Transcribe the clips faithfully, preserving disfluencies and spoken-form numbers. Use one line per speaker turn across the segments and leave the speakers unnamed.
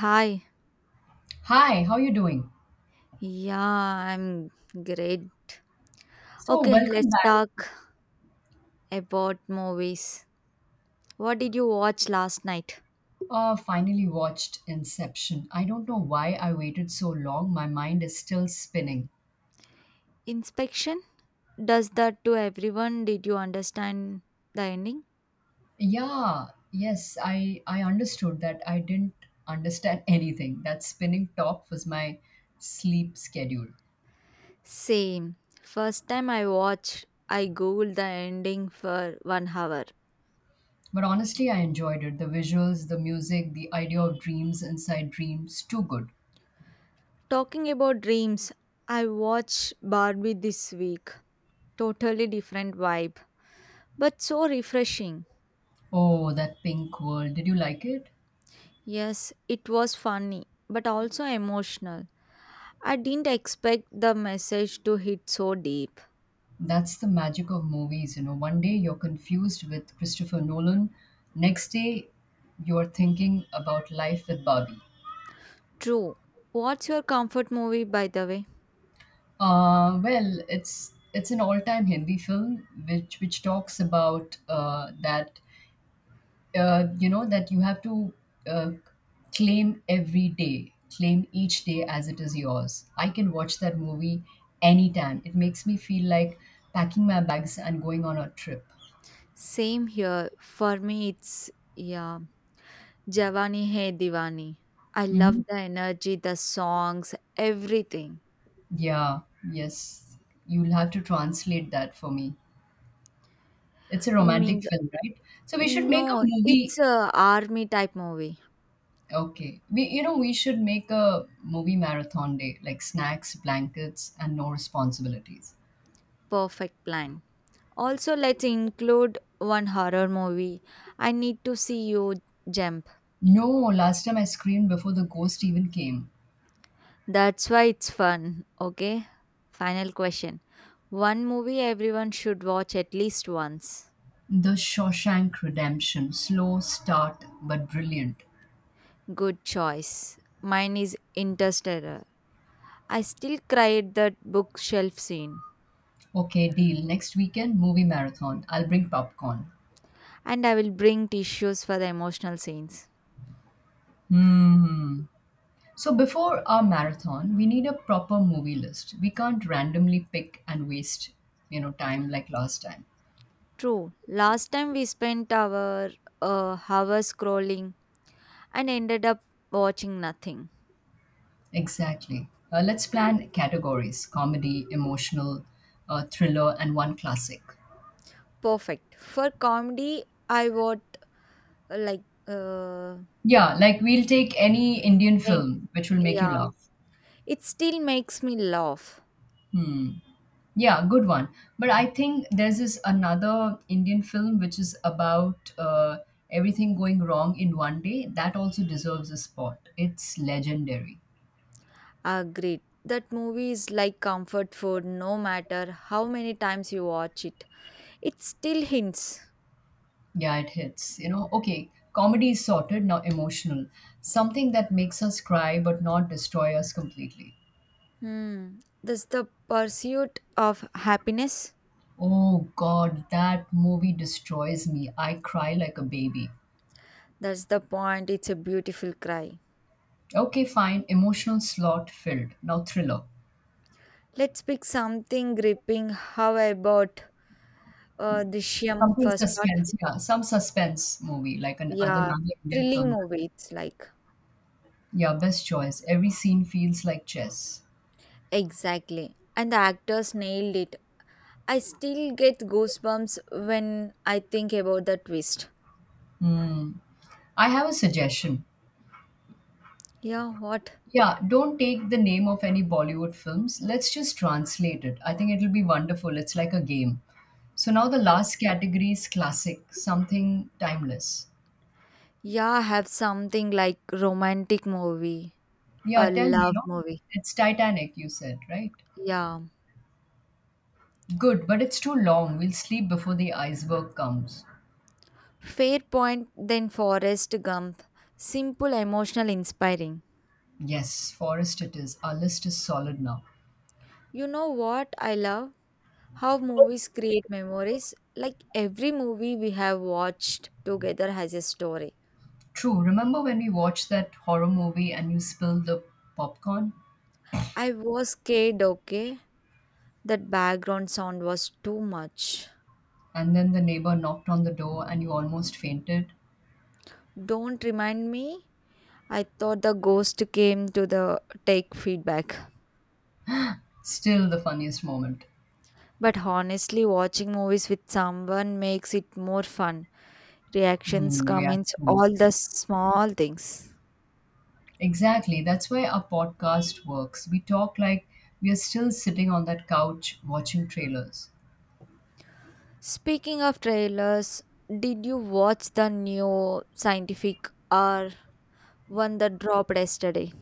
Hi.
Hi, how you doing?
Yeah, I'm great.
So,
Okay,
welcome
let's
back.
talk about movies. What did you watch last night?
Uh, finally watched Inception. I don't know why I waited so long. My mind is still spinning.
Inspection? Does that to everyone? Did you understand the ending?
Yeah, yes, I I understood that I didn't understand anything. That spinning top was my sleep schedule.
Same. First time I watched, I googled the ending for one hour.
But honestly, I enjoyed it. The visuals, the music, the idea of dreams inside dreams, too good.
Talking about dreams, I watched Barbie this week. Totally different vibe, but so refreshing.
Oh, that pink world. Did you like it?
Yes, it was funny, but also emotional. I didn't expect the message to hit so deep.
That's the magic of movies. You know, one day you're confused with Christopher Nolan, next day you're thinking about life with Barbie.
True. What's your comfort movie, by the way?
Uh, well, it's it's an all-time Hindi film which which talks about uh, that uh, you know that you have to uh, claim every day, claim each day as it is yours. I can watch that movie anytime. It makes me feel like packing my bags and going on a trip.
Same here. For me, it's, yeah, Javani Hai Diwani. I
Mhm.
love the energy, the songs, everything.
Yeah, yes. You'll have to translate that for me. It's a romantic
Means
film, right? So we should make a
no, it's
movie.
a army type movie.
Okay. We you know, we should make a movie marathon day, like snacks, blankets, and no responsibilities.
Perfect plan. Also, let's include one horror movie. I need to see you, Gem.
No, last time I screamed before the ghost even came.
That's why it's fun. Okay. Final question. One movie everyone should watch at least once.
The Shawshank Redemption. Slow start, but brilliant.
Good choice. Mine is Interstellar. I still cry at that bookshelf scene.
Okay, deal. Next weekend, movie marathon. I'll bring popcorn.
And I will bring tissues for the emotional scenes.
Hmm. Hmm. So before our marathon, we need a proper movie list. We can't randomly pick and waste, you know, time like last time.
True. Last time we spent our uh, hour scrolling and ended up watching nothing.
Exactly. Uh, let's plan categories: comedy, emotional, uh, thriller, and one classic.
Perfect. For comedy, I watch like uh,
Yeah, like we'll take any Indian
and,
film which will make you
yeah,
laugh.
it still makes me laugh.
Yeah, good one. But I think there's this another Indian film which is about uh, everything going wrong in one day. That also deserves a spot. It's legendary.
Agreed. That movie is like comfort food no matter how many times you watch it. It still hints.
Yeah, it hits. You know, okay, comedy is sorted, now emotional. Something that makes us cry but not destroy us completely.
Hmm. That's the pursuit of happiness.
Oh god, that movie destroys me. I cry like a baby.
That's the point. It's a beautiful cry.
Okay, fine. Emotional slot filled. Now thriller.
Let's pick something gripping. How about uh, Drishyam
Something
first part?
suspense, yeah. Some suspense movie, like an other
Yeah.
Indian
Thrilling
film.
movie, it's like.
Yeah, best choice. Every scene feels like chess.
Exactly. And the actors nailed it. I still get goosebumps when I think about the twist.
I have a suggestion.
Yeah, what?
Yeah, don't take the name of any Bollywood films. Let's just translate it. I think it'll be wonderful. It's like a game. So now the last category is classic, something timeless.
Yeah, I have something like romantic movie, a
Yeah, tell me, you
love
know,
movie.
it's Titanic, you said, right?
Yeah.
Good, but it's too long. We'll sleep before the iceberg comes.
Fair point, then Forrest Gump. Simple, emotional, inspiring.
Yes, Forrest it is. Our list is solid now.
You know what I love? How movies create memories. Like every movie we have watched together has a story.
True, remember when we watched that horror movie and you spilled the popcorn?
I was scared, okay? That background sound was too much.
And then the neighbor knocked on the door and you almost fainted?
Don't remind me. I thought the ghost came to the take feedback.
Still the funniest moment.
But honestly, watching movies with someone makes it more fun. Reactions,
Mm,
comments,
reactions.
all the small things.
Exactly. That's why our podcast works. We talk like we are still sitting on that couch watching trailers.
Speaking of trailers, did you watch the new scientific or one that dropped yesterday?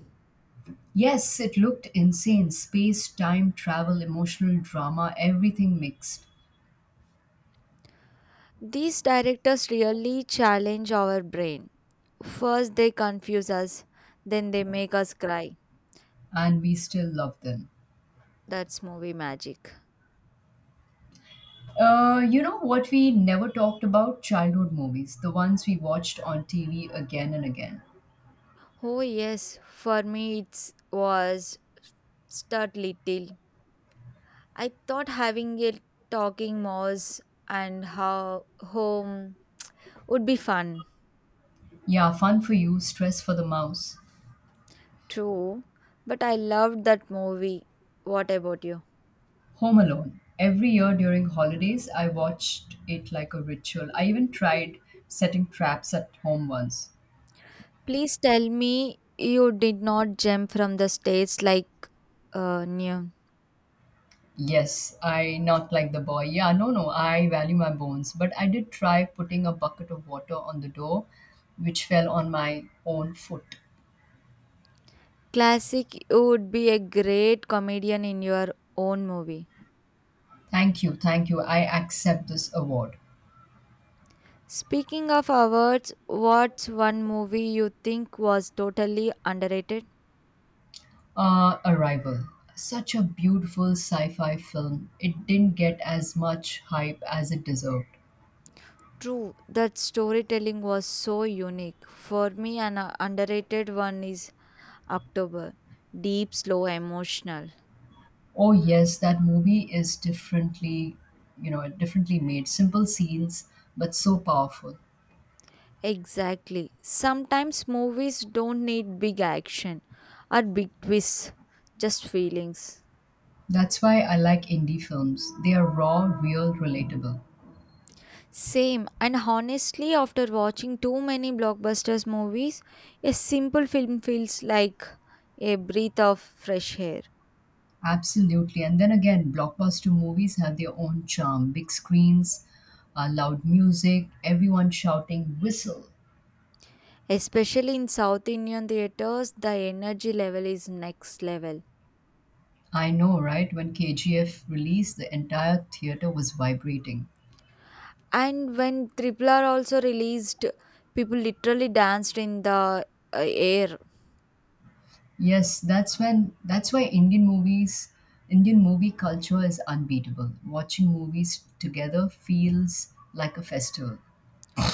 Yes, it looked insane. Space, time, travel, emotional drama, everything mixed.
These directors really challenge our brain. First, they confuse us, then they make us cry.
And we still love them.
That's movie magic.
Uh, you know what we never talked about? Childhood movies, the ones we watched on T V again and again.
Oh, yes, for me, it was Start Little. I thought having a talking mouse and how home would be fun
Yeah, fun for you, stress for the mouse.
too, but I loved that movie. What about you?
Home Alone. Every year during holidays, I watched it like a ritual. I even tried setting traps at home once.
Please tell me you did not jump from the stage like uh, Neon.
Yes, I not like the boy. Yeah, no, no, I value my bones. But I did try putting a bucket of water on the door, which fell on my own foot.
Classic, you would be a great comedian in your own movie.
Thank you, thank you. I accept this award.
Speaking of awards, what's one movie you think was totally underrated?
Uh, Arrival. Such a beautiful sci fi film. It didn't get as much hype as it deserved.
True, that storytelling was so unique. For me, an uh, underrated one is October. Deep, slow, emotional.
Oh yes, that movie is differently, you know, differently made. Simple scenes, but so powerful.
Exactly. Sometimes movies don't need big action or big twists, just feelings.
That's why I like indie films. They are raw, real, relatable.
Same, and honestly, after watching too many blockbusters movies, a simple film feels like a breath of fresh air.
Absolutely. And then again, blockbuster movies have their own charm. Big screens, uh, loud music, everyone shouting whistle.
Especially in South Indian theaters, the energy level is next level.
I know, right? When K G F released, the entire theater was vibrating.
And when Triple R also released, people literally danced in the uh, air.
Yes, that's when that's why Indian movies, Indian movie culture is unbeatable. Watching movies together feels like a festival.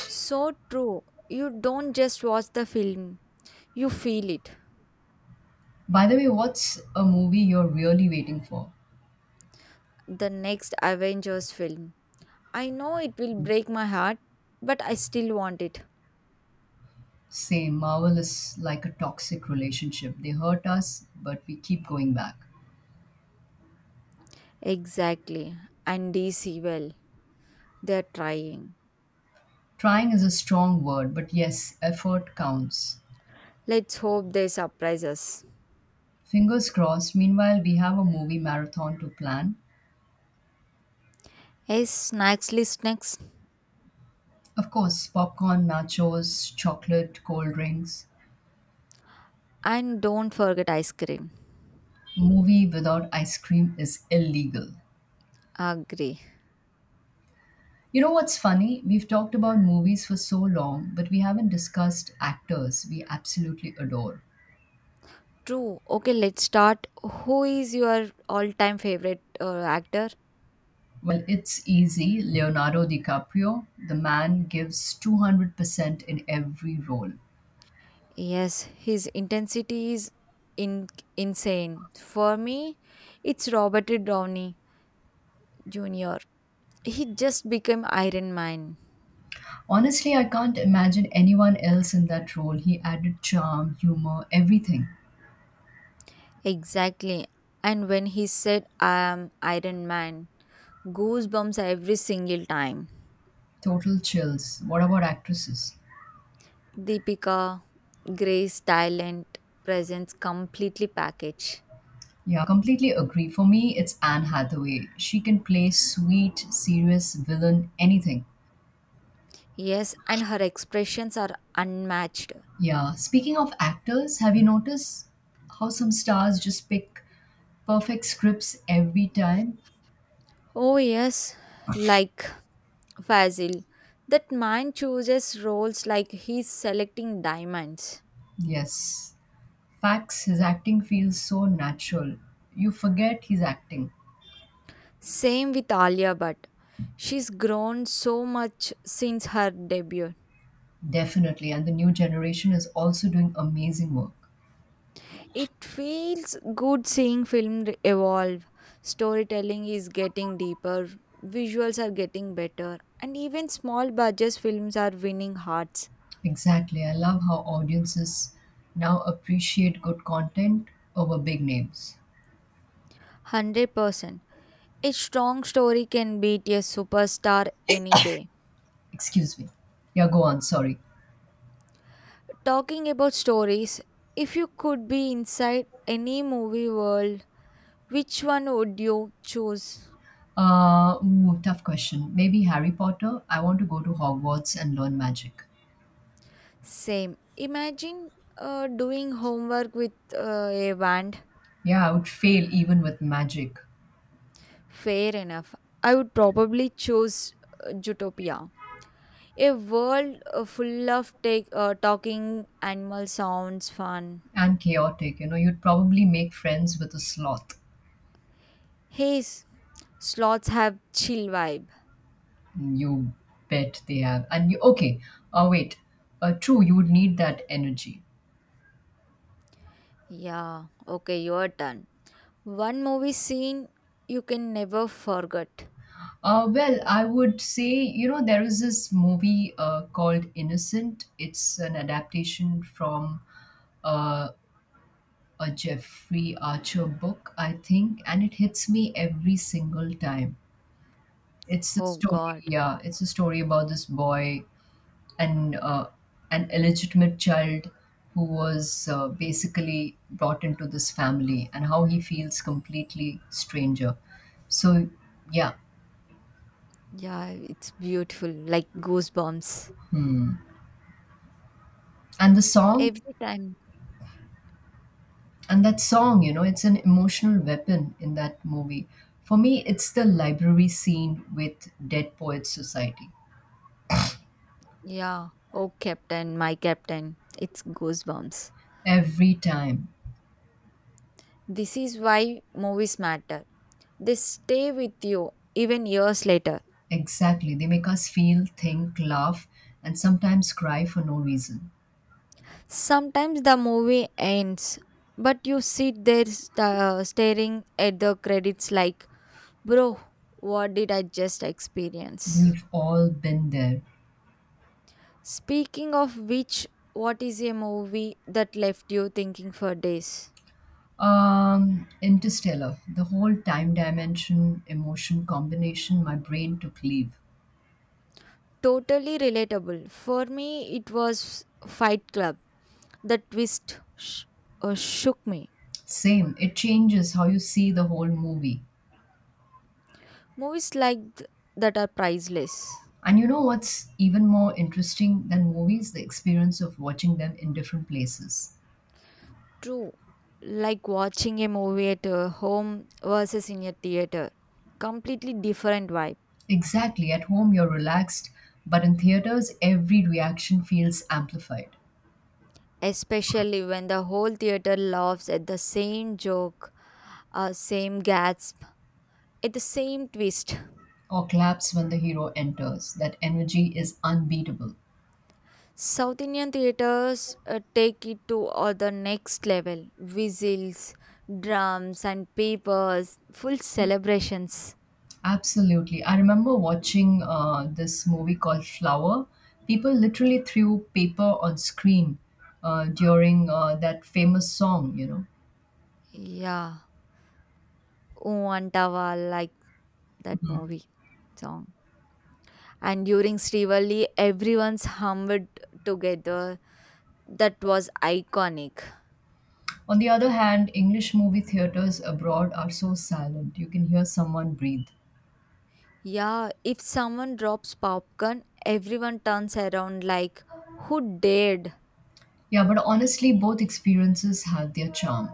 So true. You don't just watch the film, you feel it.
By the way, what's a movie you're really waiting for?
The next Avengers film. I know it will break my heart, but I still want it.
Say, Marvel is like a toxic relationship. They hurt us, but we keep going back.
Exactly. And D C, well, they're trying.
Trying is a strong word, but yes, effort counts.
Let's hope they surprise us.
Fingers crossed. Meanwhile, we have a movie marathon to plan.
Yes, snacks list next.
Of course, popcorn, nachos, chocolate, cold drinks.
And don't forget ice cream.
Movie without ice cream is illegal.
Agree.
You know what's funny? We've talked about movies for so long, but we haven't discussed actors we absolutely adore.
True. Okay, let's start. Who is your all time favorite uh, actor?
Well, it's easy. Leonardo DiCaprio, the man gives two hundred percent in every role.
Yes, his intensity is in- insane. For me, it's Robert Downey Junior He just became Iron Man.
Honestly, I can't imagine anyone else in that role. He added charm, humor, everything.
Exactly. And when he said, "I am Iron Man," goosebumps every single time.
Total chills. What about actresses?
Deepika, Grace, talent, presence completely packaged.
Yeah, completely agree. For me, it's Anne Hathaway. She can play sweet, serious, villain, anything.
Yes, and her expressions are unmatched.
Yeah, speaking of actors, have you noticed how some stars just pick perfect scripts every time?
Oh, yes, like Fazil. That man chooses roles like he's selecting diamonds.
Yes. Facts, his acting feels so natural. You forget he's acting.
Same with Alia Bhatt. She's grown so much since her debut.
Definitely. And the new generation is also doing amazing work.
It feels good seeing film re- evolve. Storytelling is getting deeper, visuals are getting better, and even small budget films are winning hearts.
Exactly. I love how audiences now appreciate good content over big names.
one hundred percent. A strong story can beat a superstar any day.
Excuse me. Yeah, go on. Sorry.
Talking about stories, if you could be inside any movie world, which one would you choose?
Uh, ooh, tough question. Maybe Harry Potter. I want to go to Hogwarts and learn magic.
Same. Imagine uh, doing homework with uh, a band.
Yeah, I would fail even with magic
Fair enough. I would probably choose uh, Zootopia. A world uh, full of take, uh, talking animal sounds, fun.
and chaotic. You know, you'd probably make friends with a sloth.
Hey, s- sloths have chill vibe.
You bet they have. And you okay? Uh, wait. Uh, true. You would need that energy.
Yeah, okay, your turn. One movie scene you can never forget.
Uh, well, I would say, you know, there is this movie uh, called Innocent. It's an adaptation from uh, a Jeffrey Archer book, I think, and it hits me every single time. It's a
Oh
story,
God.
yeah, it's a story about this boy and uh, an illegitimate child who was uh, basically brought into this family and how he feels completely stranger. So, yeah,
Yeah, it's beautiful. Like goosebumps.
and the song
Every time.
and that song, you know, it's an emotional weapon in that movie. For me, it's the library scene with Dead Poets Society
Yeah. Oh Captain, my Captain. It's goosebumps.
every time.
This is why movies matter. They stay with you even years later.
Exactly. They make us feel, think, laugh, and sometimes cry for no reason.
Sometimes the movie ends, but you sit there sta staring at the credits like, bro, what did I just experience?
We've all been there.
Speaking of which, what is a movie that left you thinking for days?
Um, Interstellar, the whole time dimension, emotion combination, my brain took leave.
Totally relatable. For me, it was Fight Club. The twist sh- uh, shook me.
Same, it changes how you see the whole movie.
Movies like th- that are priceless.
And you know what's even more interesting than movies? The experience of watching them in different places.
True. Like watching a movie at uh, home versus in a theater. Completely different vibe.
Exactly, at home you're relaxed, but in theaters, every reaction feels amplified.
Especially when the whole theater laughs at the same joke, uh, same gasp, at the same twist.
Or claps when the hero enters. That energy is unbeatable.
South Indian theaters uh, take it to uh, the next level whistles, drums, and papers, full celebrations.
Absolutely. I remember watching uh, this movie called Flower. People literally threw paper on screen uh, during uh, that famous song, you know.
Yeah, Oo Antava, like that movie song. And during Srivali, everyone's hummed together. That was iconic.
On the other hand, English movie theaters abroad are so silent. You can hear someone breathe.
Yeah, if someone drops popcorn, everyone turns around like, who dared?
Yeah, but honestly, both experiences have their charm.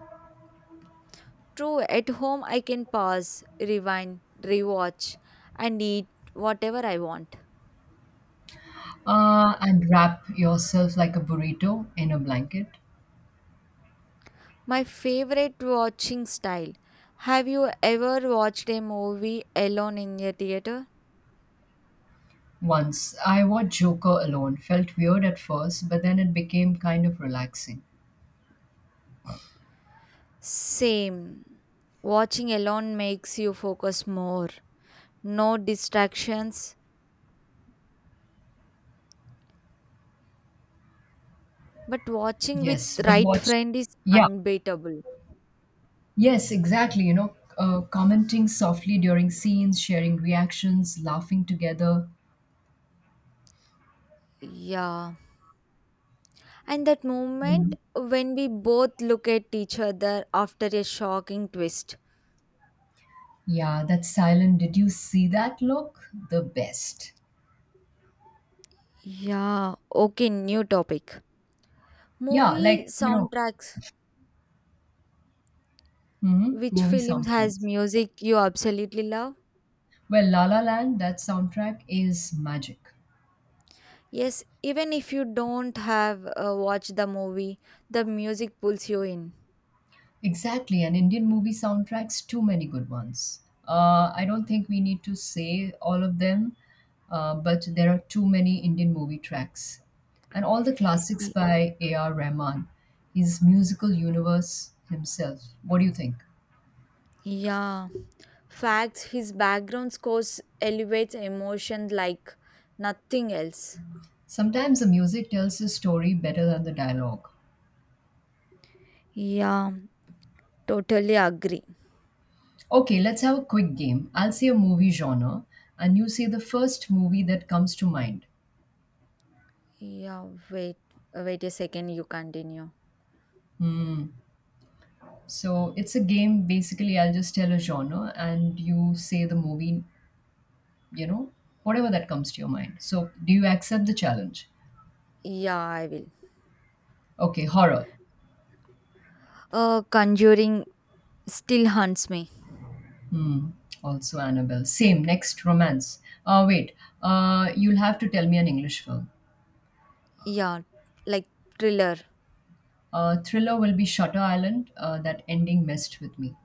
True, at home I can pause, rewind, rewatch, and eat whatever I want.
Uh, and wrap yourself like a burrito in a blanket.
My favorite watching style. Have you ever watched a movie alone in a theater?
Once I watched Joker alone. Felt weird at first, but then it became kind of relaxing.
Same. Watching alone makes you focus more. No distractions, but watching with
Yes, but
right
watch.
friend is
Yeah.
unbeatable.
Yes, exactly. You know, uh, commenting softly during scenes, sharing reactions, laughing together.
Yeah. And that moment
Mhm.
when we both look at each other after a shocking twist.
Yeah, that silent. Did you see that look? The best.
Yeah, okay, new topic.
Yeah,
Movie
like, you know,
soundtracks.
mhm,
Which
movie
film has
soundtracks.
music you absolutely love?
Well, La La Land, that soundtrack is magic.
Yes, even if you don't have uh, watched the movie, the music pulls you in.
Exactly, and Indian movie soundtracks, too many good ones. Uh, I don't think we need to say all of them, uh, but there are too many Indian movie tracks. And all the classics
Y-
by A R. Rahman, his musical universe himself. What do you think?
Yeah. Facts, his background scores elevates emotion like nothing else.
Sometimes the music tells the story better than the dialogue.
Yeah, totally agree.
Okay, let's have a quick game. I'll say a movie genre, and you say the first movie that comes to mind.
Yeah, wait, wait a second, you continue.
So it's a game. Basically, I'll just tell a genre and you say the movie, you know, whatever that comes to your mind. So do you accept the challenge?
Yeah, I will.
Okay, horror.
Uh, Conjuring still haunts me.
Hmm. Also, Annabelle. Same. Next, romance. Uh, wait. Uh, you'll have to tell me an English film.
Yeah, like thriller,
Uh, thriller will be Shutter Island. Uh, that ending messed with me.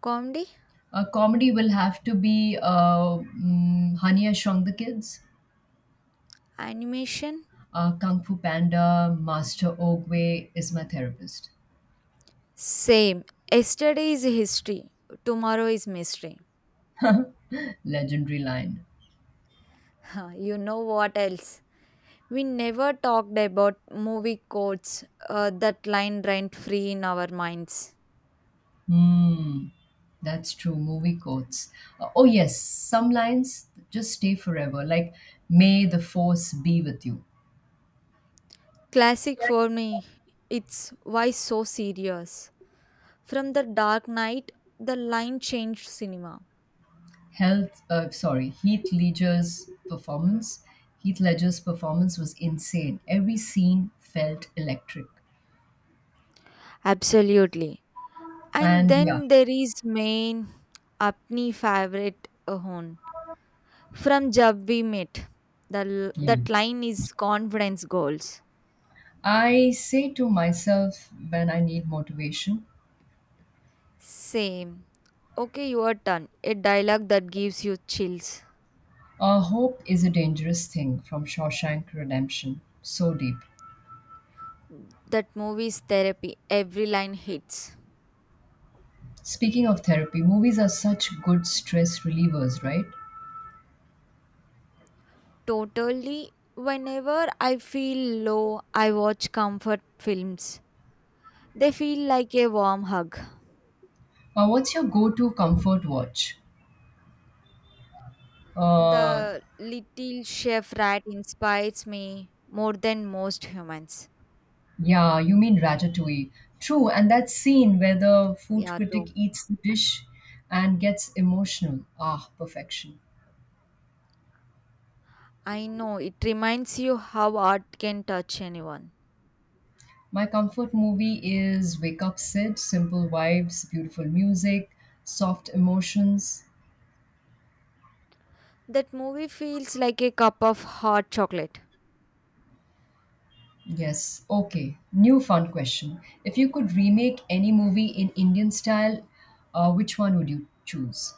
comedy,
Uh, comedy will have to be uh, mm, Honey, I Shrunk the Kids.
animation.
Uh, Kung Fu Panda, Master Ogwe is my therapist.
Same. Yesterday is history, tomorrow is mystery.
Legendary line.
Huh, you know what else? We never talked about movie quotes uh, that line rent free in our minds.
Hmm, that's true. Movie quotes. Uh, oh, yes. Some lines just stay forever, like, May the force be with you.
Classic for me, it's why so serious. From the Dark Knight, the line changed cinema.
Health, uh, sorry, Heath Ledger's performance. Heath Ledger's performance was insane. Every scene felt electric.
Absolutely. And
And yeah,
then there is main apni favorite hon from Jab We Met. The, l-
yeah.
that line is confidence goals.
I say to myself when I need motivation,
Same. Okay, your turn. A dialogue that gives you chills.
uh, hope is a dangerous thing from Shawshank Redemption. So deep.
That movie's therapy. Every line hits.
Speaking of therapy, movies are such good stress relievers, right?
Totally. Whenever I feel low, I watch comfort films. They feel like a warm hug.
Uh, what's your go-to comfort watch? Uh,
The little chef rat inspires me more than most humans.
yeah, you mean Ratatouille. True, and that scene where the food
Yeah,
critic
true.
eats the dish and gets emotional. Ah, perfection.
I know it reminds you how art can touch anyone.
My comfort movie is Wake Up Sid, simple vibes, beautiful music, soft emotions.
That movie feels like a cup of hot chocolate,
Yes. Okay. New fun question. If you could remake any movie in Indian style, uh, which one would you choose?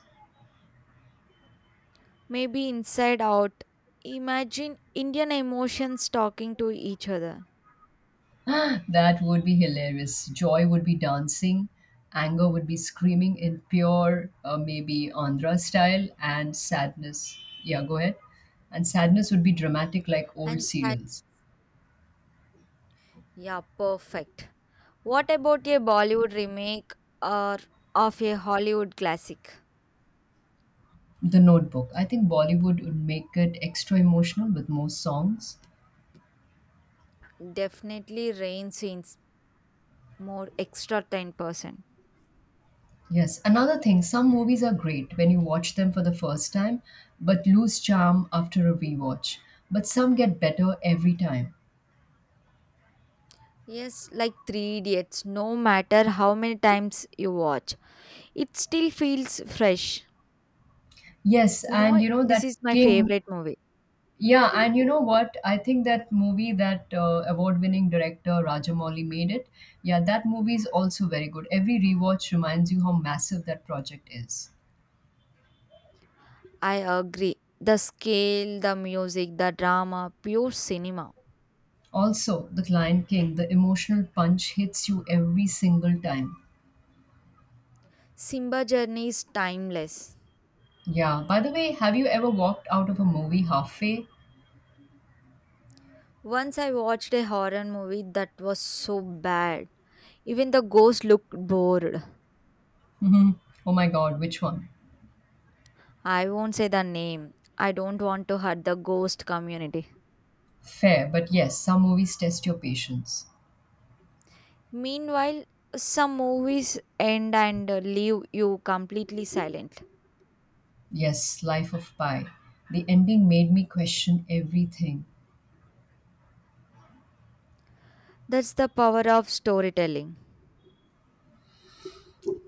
maybe inside out. Imagine Indian emotions talking to each other.
that would be hilarious. Joy would be dancing, anger would be screaming in pure, uh, maybe Andhra style, and sadness. Yeah, go ahead. And sadness would be dramatic like old
And sad.
serials.
Yeah, perfect. What about a Bollywood remake or of a Hollywood classic?
The Notebook. I think Bollywood would make it extra emotional with more songs.
Definitely rain scenes more extra ten percent.
Yes, another thing, some movies are great when you watch them for the first time, but lose charm after a rewatch. But some get better every time.
Yes, like Three Idiots, no matter how many times you watch, it still feels fresh.
Yes,
You
and
know,
you know
this
that
is my
King.
favorite movie.
Yeah, and you know what? I think that movie that uh, award-winning director Rajamouli made it. Yeah, that movie is also very good. Every rewatch reminds you how massive that project is.
I agree. The scale, the music, the drama, pure cinema.
Also, The Lion King, the emotional punch hits you every single time.
Simba Journey is timeless.
Yeah, by the way, have you ever walked out of a movie halfway?
Once I watched a horror movie that was so bad. Even the ghost looked bored.
Hmm. Oh my God, which one?
I won't say the name. I don't want to hurt the ghost community.
Fair, but yes, some movies test your patience.
Meanwhile, some movies end and uh, leave you completely silent.
Yes, Life of Pi. The ending made me question everything.
That's the power of storytelling.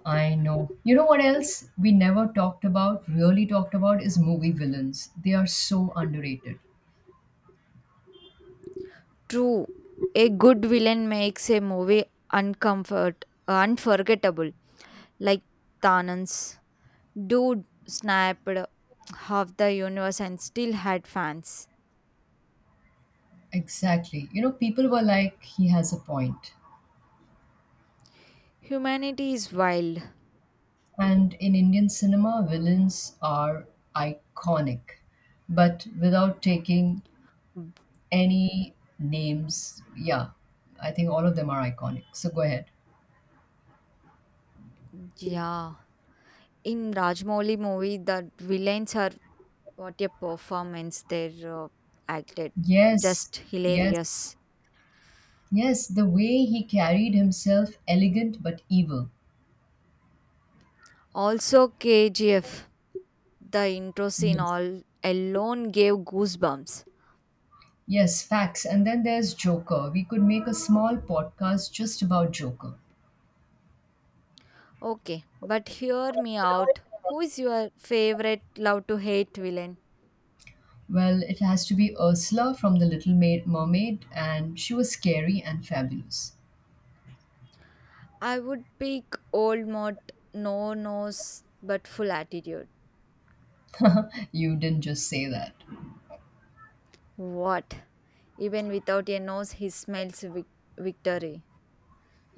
I know. You know what else we never talked about, really talked about, is movie villains. They are so underrated.
True, a good villain makes a movie uncomfort, unforgettable, like Thanan's dude snapped half the universe and still had fans.
Exactly. You know, people were like, he has a point.
Humanity is wild.
And in Indian cinema, villains are iconic, but without taking any names. Yeah, I think all of them are iconic. So go ahead.
Yeah, in Rajmouli movie, the villains are what a performance they uh, acted,
Yes,
just
yes,
hilarious.
yes. The way he carried himself, elegant but evil.
Also, K G F, the intro scene
Yes.
all alone gave goosebumps.
Yes, facts. And then there's Joker. We could make a small podcast just about Joker.
Okay, but hear me out. Who is your favorite love to hate villain?
Well, it has to be Ursula from The Little Maid, Mermaid, and she was scary and fabulous.
I would pick Old Mott, no nose but full attitude.
you didn't just say that.
What? Even without a nose, he smells vic- victory.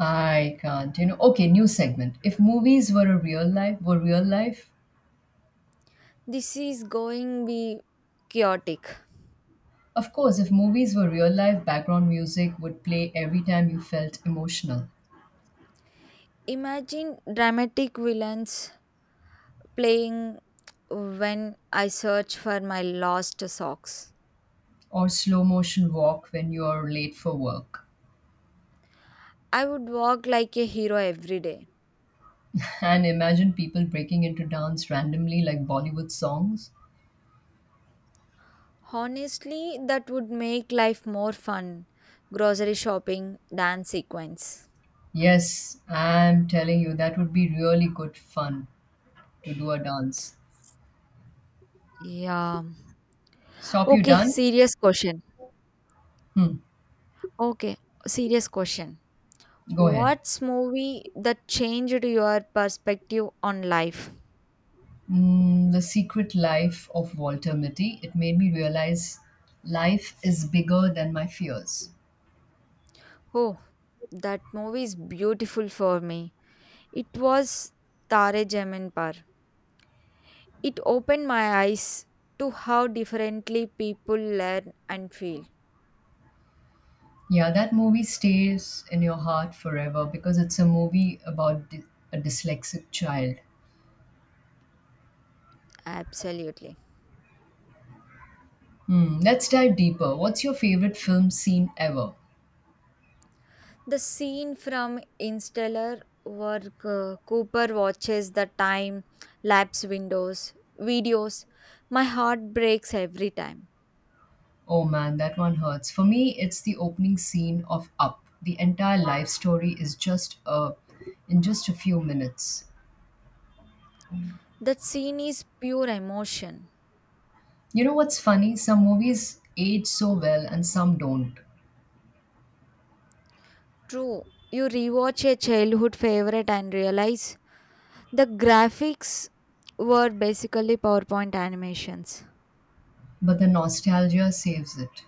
I can't, you know. Okay, new segment. If movies were a real life, were real life,
This is going be chaotic.
Of course, if movies were real life, background music would play every time you felt emotional,
Imagine dramatic villains playing when I search for my lost socks.
or slow motion walk when you're late for work.
I would walk like a hero every day.
And imagine people breaking into dance randomly like Bollywood songs.
Honestly, that would make life more fun. Grocery shopping, dance sequence.
Yes, I'm telling you, that would be really good fun to do a dance.
Yeah.
Stop, you
Okay,
done?
serious question.
Hmm,
Okay, serious question.
go ahead.
What's movie that changed your perspective on life?
Mm, the Secret Life of Walter Mitty. It made me realize life is bigger than my fears.
Oh, that movie is beautiful for me. It was Tare Jamin Par. It opened my eyes to how differently people learn and feel.
Yeah, that movie stays in your heart forever because it's a movie about dy- a dyslexic child.
Absolutely.
Hmm, let's dive deeper. What's your favorite film scene ever?
The scene from Interstellar where uh, Cooper watches the time lapse windows videos, my heart breaks every time.
Oh man, that one hurts. For me, it's the opening scene of Up. The entire life story is just a in just a few minutes.
That scene is pure emotion.
You know what's funny? Some movies age so well and some don't,
True, you rewatch a childhood favorite and realize the graphics were basically PowerPoint animations.
but the nostalgia saves it.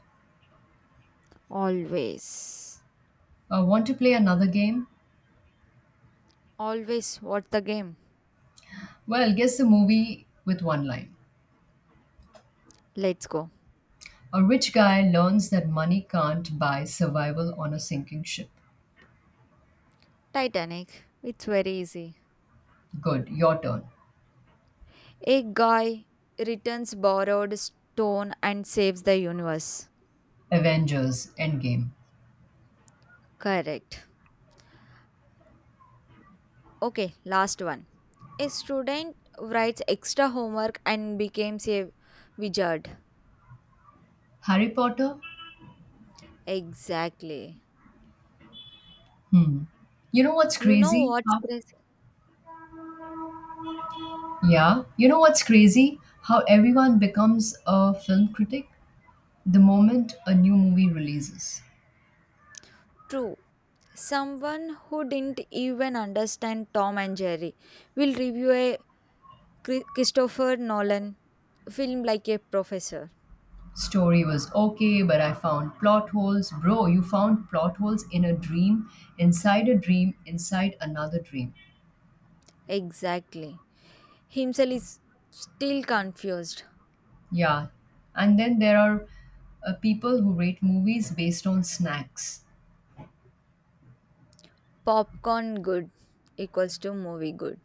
Always,
Uh, want to play another game?
always watch the game.
Well, guess the movie with one line.
Let's go.
A rich guy learns that money can't buy survival on a sinking ship.
Titanic. It's very easy.
Good, your turn.
A guy returns borrowed stone and saves the universe.
Avengers Endgame.
Correct. Okay, last one. A student writes extra homework and becomes a wizard.
Harry Potter?
Exactly.
Hmm. You know what's
You know
crazy?
what's
How-
crazy?
yeah. You know what's crazy? How everyone becomes a film critic the moment a new movie releases.
True. Someone who didn't even understand Tom and Jerry will review a Chri- Christopher Nolan film like a professor.
Story was okay, but I found plot holes. Bro, you found plot holes in a dream, inside a dream, inside another dream.
Exactly. Himself is still confused.
Yeah. And then there are uh, people who rate movies based on snacks.
Popcorn good equals to movie good.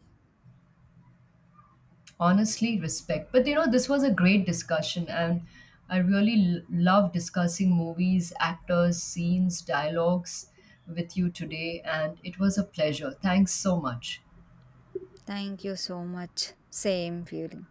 Honestly, respect. But you know, this was a great discussion, and I really l- love discussing movies, actors, scenes, dialogues with you today. And it was a pleasure. Thanks so much.
Thank you so much. Same feeling.